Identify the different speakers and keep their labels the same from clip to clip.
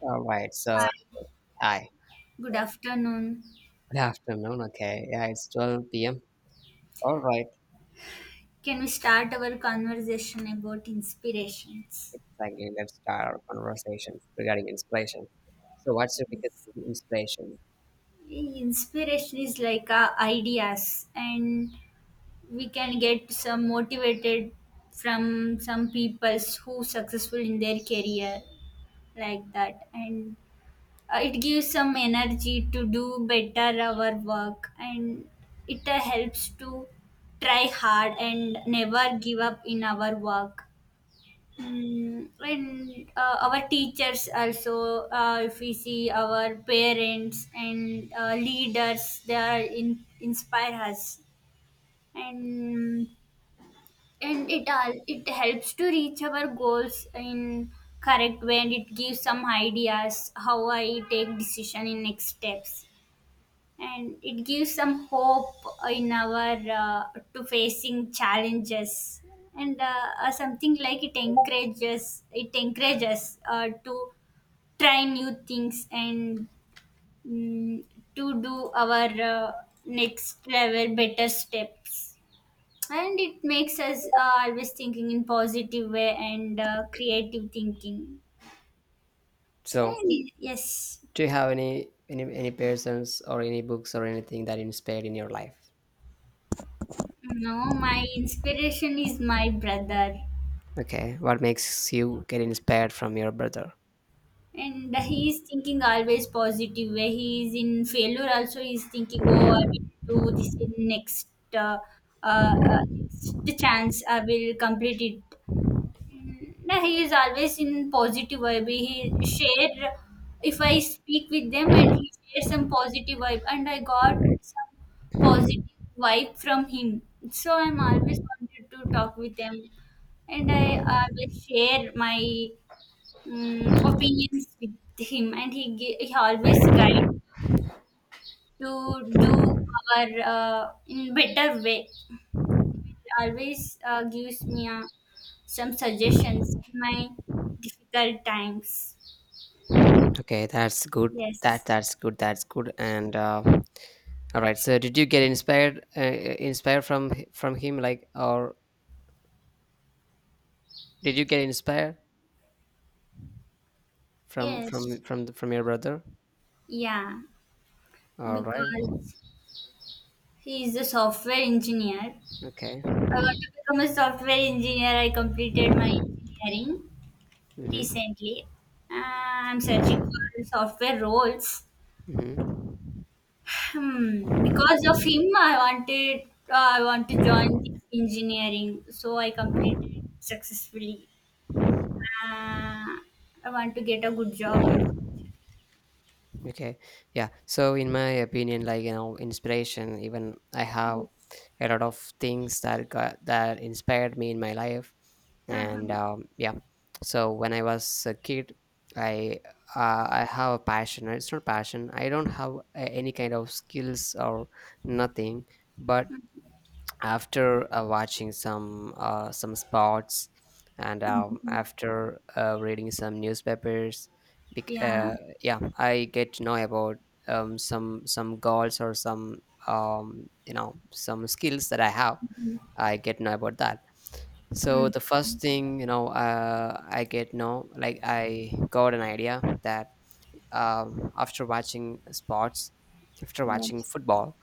Speaker 1: All right. So,
Speaker 2: Hi,
Speaker 1: hi.
Speaker 2: good afternoon.
Speaker 1: Good afternoon. Okay. Yeah, it's 12 p.m. All right.
Speaker 2: Can we start our conversation about inspirations?
Speaker 1: Exactly. Let's start our conversation regarding inspiration. So, what's your biggest inspiration?
Speaker 2: Inspiration is like ideas, and we can get some motivated from some people who successful in their career like that, and it gives some energy to do better our work, and it helps to try hard and never give up in our work. Mm, and our teachers also, if we see our parents and leaders they are in, inspire us, and and it all, it helps to reach our goals in correct way, and it gives some ideas how I take decision in next steps, and it gives some hope in our to facing challenges, and something like it encourages, it encourages to try new things and mm, to do our next level better steps, and it makes us always thinking in positive way and creative thinking
Speaker 1: So,
Speaker 2: and yes.
Speaker 1: do you have any persons or any books or anything that inspired in your life?
Speaker 2: No, my inspiration is my brother.
Speaker 1: Okay. What makes you get inspired from your brother?
Speaker 2: And he is thinking always positive. Where he is in failure, also he is thinking, "Oh, I will do this in next uh, uh, uh, next chance. I will complete it." Mm, nah, he is always in positive vibe. He share if I speak with them, and he share some positive vibe, and I got some positive vibe from him. So I'm always wanted to talk with them, and I always share my mm, opinions with him, and he always guide to do our in better way. He always gives me some suggestions in my difficult times.
Speaker 1: Okay, that's good. That
Speaker 2: Yes,
Speaker 1: that's good. That's good. And all right. So, did you get inspired inspired from him, like, or did you get inspired? From
Speaker 2: yes,
Speaker 1: from from the, from your brother?
Speaker 2: yeah,
Speaker 1: All right.
Speaker 2: because he is a software engineer. I
Speaker 1: Okay.
Speaker 2: want to become a software engineer. I completed my engineering
Speaker 1: Mm-hmm.
Speaker 2: recently. Uh, I'm searching for software roles.
Speaker 1: Mm-hmm.
Speaker 2: Hmm, because of him, I want to join the engineering, so I completed successfully. Uh, I want to get a good job in.
Speaker 1: Okay. Yeah. So in my opinion, like, you know, inspiration. Even I have
Speaker 2: Yes.
Speaker 1: a lot of things that got that inspired me in my life, and
Speaker 2: Uh-huh.
Speaker 1: yeah. So when I was a kid, I I have a passion. It's not passion. I don't have a, any kind of skills or nothing, but after watching some sports and
Speaker 2: Mhm.
Speaker 1: after reading some newspapers bec-
Speaker 2: Yeah.
Speaker 1: uh, yeah, I get to know about some goals or some you know, some skills that I have.
Speaker 2: Mhm.
Speaker 1: I get to know about that. So
Speaker 2: Mm.
Speaker 1: the first thing, you know, I get know, like, I got an idea that after watching sports, after watching
Speaker 2: Yes.
Speaker 1: football,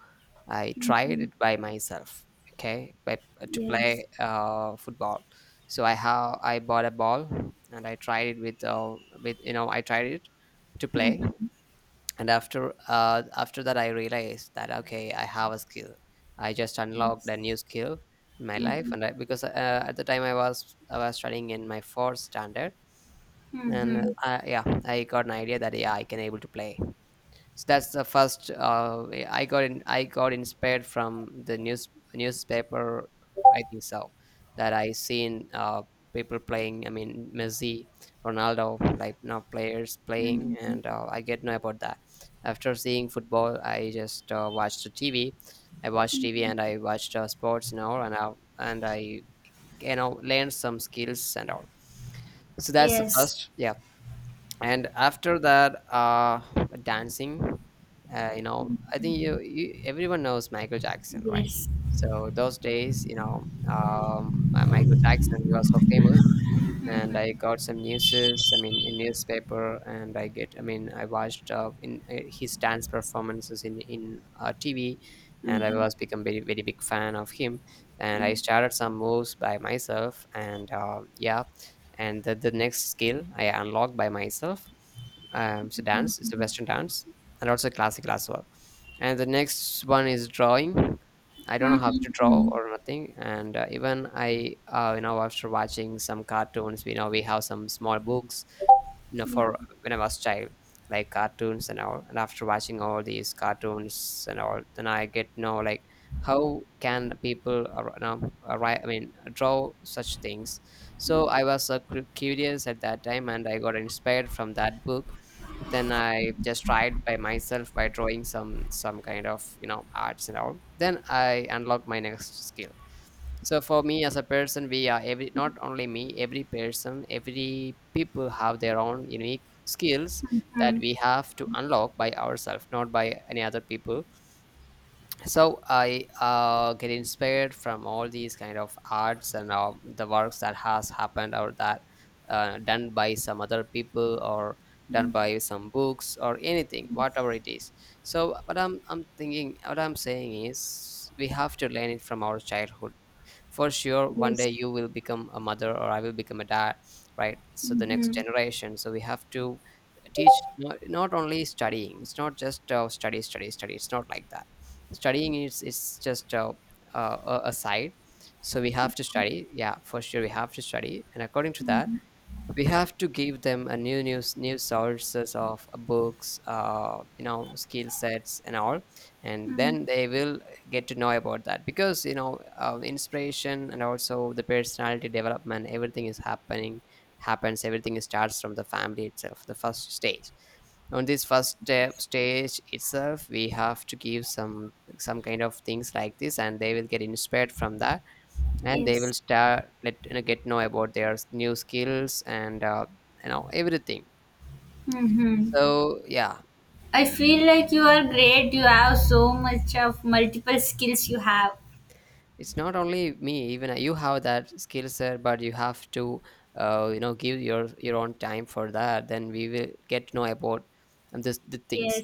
Speaker 1: I tried
Speaker 2: Mhm.
Speaker 1: it by myself. Okay, by, to
Speaker 2: Yes.
Speaker 1: play football. So I bought a ball and I tried it with with, you know, I tried it to play,
Speaker 2: Mhm.
Speaker 1: and after that I realized that okay, I have a skill. I just unlocked a
Speaker 2: Yes.
Speaker 1: new skill in my life.
Speaker 2: Mhm.
Speaker 1: And I, because at the time I was studying in my fourth standard, and
Speaker 2: Mhm.
Speaker 1: yeah, I got an idea that yeah, I can able to play. So that's the first way I got in, I got inspired from the newspaper. I think so, that I seen people playing. I mean, Messi, Ronaldo, like, now players playing,
Speaker 2: Mhm.
Speaker 1: and I get know about that. After seeing football, I just watched the TV. I watched TV and I watched sports now, and I you know, learned some skills and all. So that's the
Speaker 2: Yes.
Speaker 1: first, yeah. And after that, dancing. You know, I think you everyone knows Michael Jackson, right?
Speaker 2: Yes.
Speaker 1: So those days, you know, Michael Jackson, he was so famous, and I got some newses. I mean, in newspaper, and I get. I mean, I watched in his dance performances in TV, and I
Speaker 2: Mhm.
Speaker 1: was become very big fan of him. And
Speaker 2: Yeah.
Speaker 1: I started some moves by myself, and yeah, and the next skill I unlocked by myself. It's a dance. It's a
Speaker 2: Mhm.
Speaker 1: Western dance, and also classical as well. And the next one is drawing. I don't know how to draw
Speaker 2: Mhm.
Speaker 1: or nothing. And even I, you know, after watching some cartoons, we know we have some small books, you know,
Speaker 2: Yeah.
Speaker 1: for when I was child, like cartoons and all. And after watching all these cartoons and all, then I get to know like how can people you know, write, I mean, draw such things. So I was curious at that time, and I got inspired from that book. Then I just tried by myself by drawing some kind of, you know, arts and all. Then I unlocked my next skill. So for me as a person, we are every, not only me, every person, every people have their own unique skills that
Speaker 2: Mhm.
Speaker 1: we have to unlock by ourselves, not by any other people. So I get inspired from all these kind of arts and the works that has happened or that done by some other people or done by some books or anything,
Speaker 2: Mhm.
Speaker 1: whatever it is. So what I'm thinking, what I'm saying is, we have to learn it from our childhood. For sure, one
Speaker 2: Yes.
Speaker 1: day you will become a mother or I will become a dad, right? So the next
Speaker 2: Mm-hmm.
Speaker 1: generation, so we have to teach, not only studying. It's not just study study study. It's not like that. Studying is, it's just a side. So we have to study, yeah, for sure, we have to study, and according to that,
Speaker 2: Mm-hmm.
Speaker 1: we have to give them a new news, new sources of books, you know, skill sets and all. And then they will get to know about that, because you know, inspiration and also the personality development, everything is happening happens. Everything starts from the family itself, the first stage. On this first step stage itself, we have to give some kind of things like this, and they will get inspired from that, and they
Speaker 2: Yes.
Speaker 1: will start, let you know, get know about their new skills and you know, everything.
Speaker 2: Mm-hmm.
Speaker 1: So yeah,
Speaker 2: I feel like you are great. You have so much of multiple skills you have.
Speaker 1: it's not only me, even I- you have that skill set, but you have to you know, give your own time for that, then we will get to know about this the things.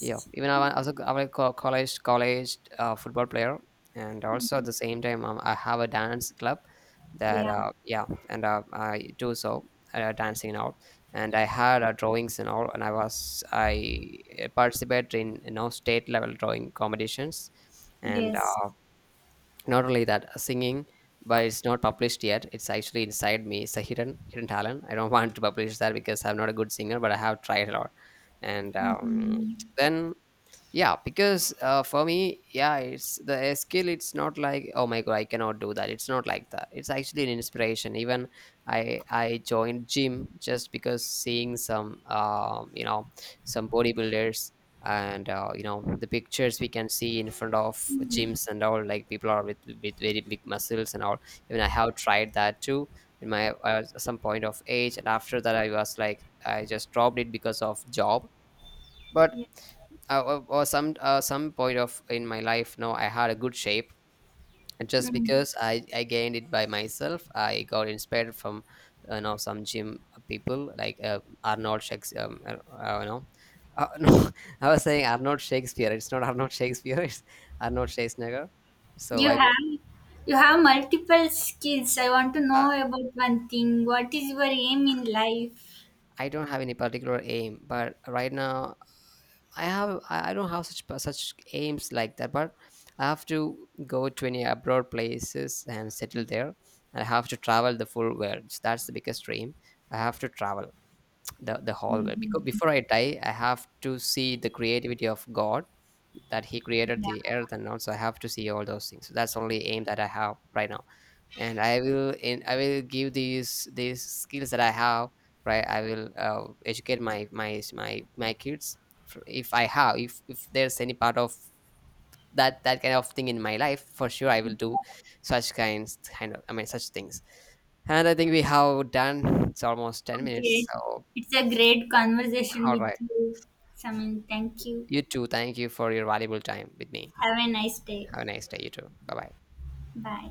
Speaker 1: Yeah, even I was a college football player, and also at the same time I have a dance club that
Speaker 2: Yeah.
Speaker 1: yeah, and I do so dancing and all, and I had drawings and all, and I participated in, you know, state level drawing competitions, and
Speaker 2: Yes.
Speaker 1: not only that, singing. But it's not published yet. It's actually inside me. It's a hidden talent. I don't want to publish that because I'm not a good singer, but I have tried a lot. And
Speaker 2: Mm-hmm.
Speaker 1: then yeah, because for me, yeah, it's the skill. It's not like, oh my god, I cannot do that. It's not like that. It's actually an inspiration. Even I joined gym just because seeing some you know, some bodybuilders and you know, the pictures we can see in front of gyms and all, like people are with very big muscles and all. Even I have tried that too in my some point of age, and after that I was like, I just dropped it because of job, but
Speaker 2: Yeah.
Speaker 1: or some some point of in my life now, I had a good shape. And just
Speaker 2: Mm.
Speaker 1: because I gained it by myself, I got inspired from, you know, some gym people like Arnold Shakespeare, I don't, I don't know, no, I was saying Arnold Shakespeare. It's not Arnold Shakespeare. It's Arnold Schwarzenegger. So
Speaker 2: You
Speaker 1: I go.
Speaker 2: have, you have multiple skills. I want to
Speaker 1: Uh,
Speaker 2: know about one thing. What is your aim in life?
Speaker 1: I don't have any particular aim, but right now I don't have such such aims like that, but I have to go to any abroad places and settle there. I have to travel the full world. So that's the biggest dream. I have to travel the whole world, because
Speaker 2: Mm-hmm.
Speaker 1: before I die, I have to see the creativity of God, that He created
Speaker 2: Yeah.
Speaker 1: the earth, and also I have to see all those things. So that's the only aim that I have right now, and I will give these skills that I have, right? I will educate my my kids. If I have, if there's any part of that that kind of thing in my life, for sure I will do such kind of, I mean, such things. And I think we have done, it's almost 10
Speaker 2: Okay.
Speaker 1: minutes, so
Speaker 2: It's a great conversation
Speaker 1: all
Speaker 2: with
Speaker 1: right,
Speaker 2: you, Samin. Thank you.
Speaker 1: you too, thank you for your valuable time with me.
Speaker 2: Have a nice day.
Speaker 1: Have a nice day. You too. Bye bye.
Speaker 2: 拜。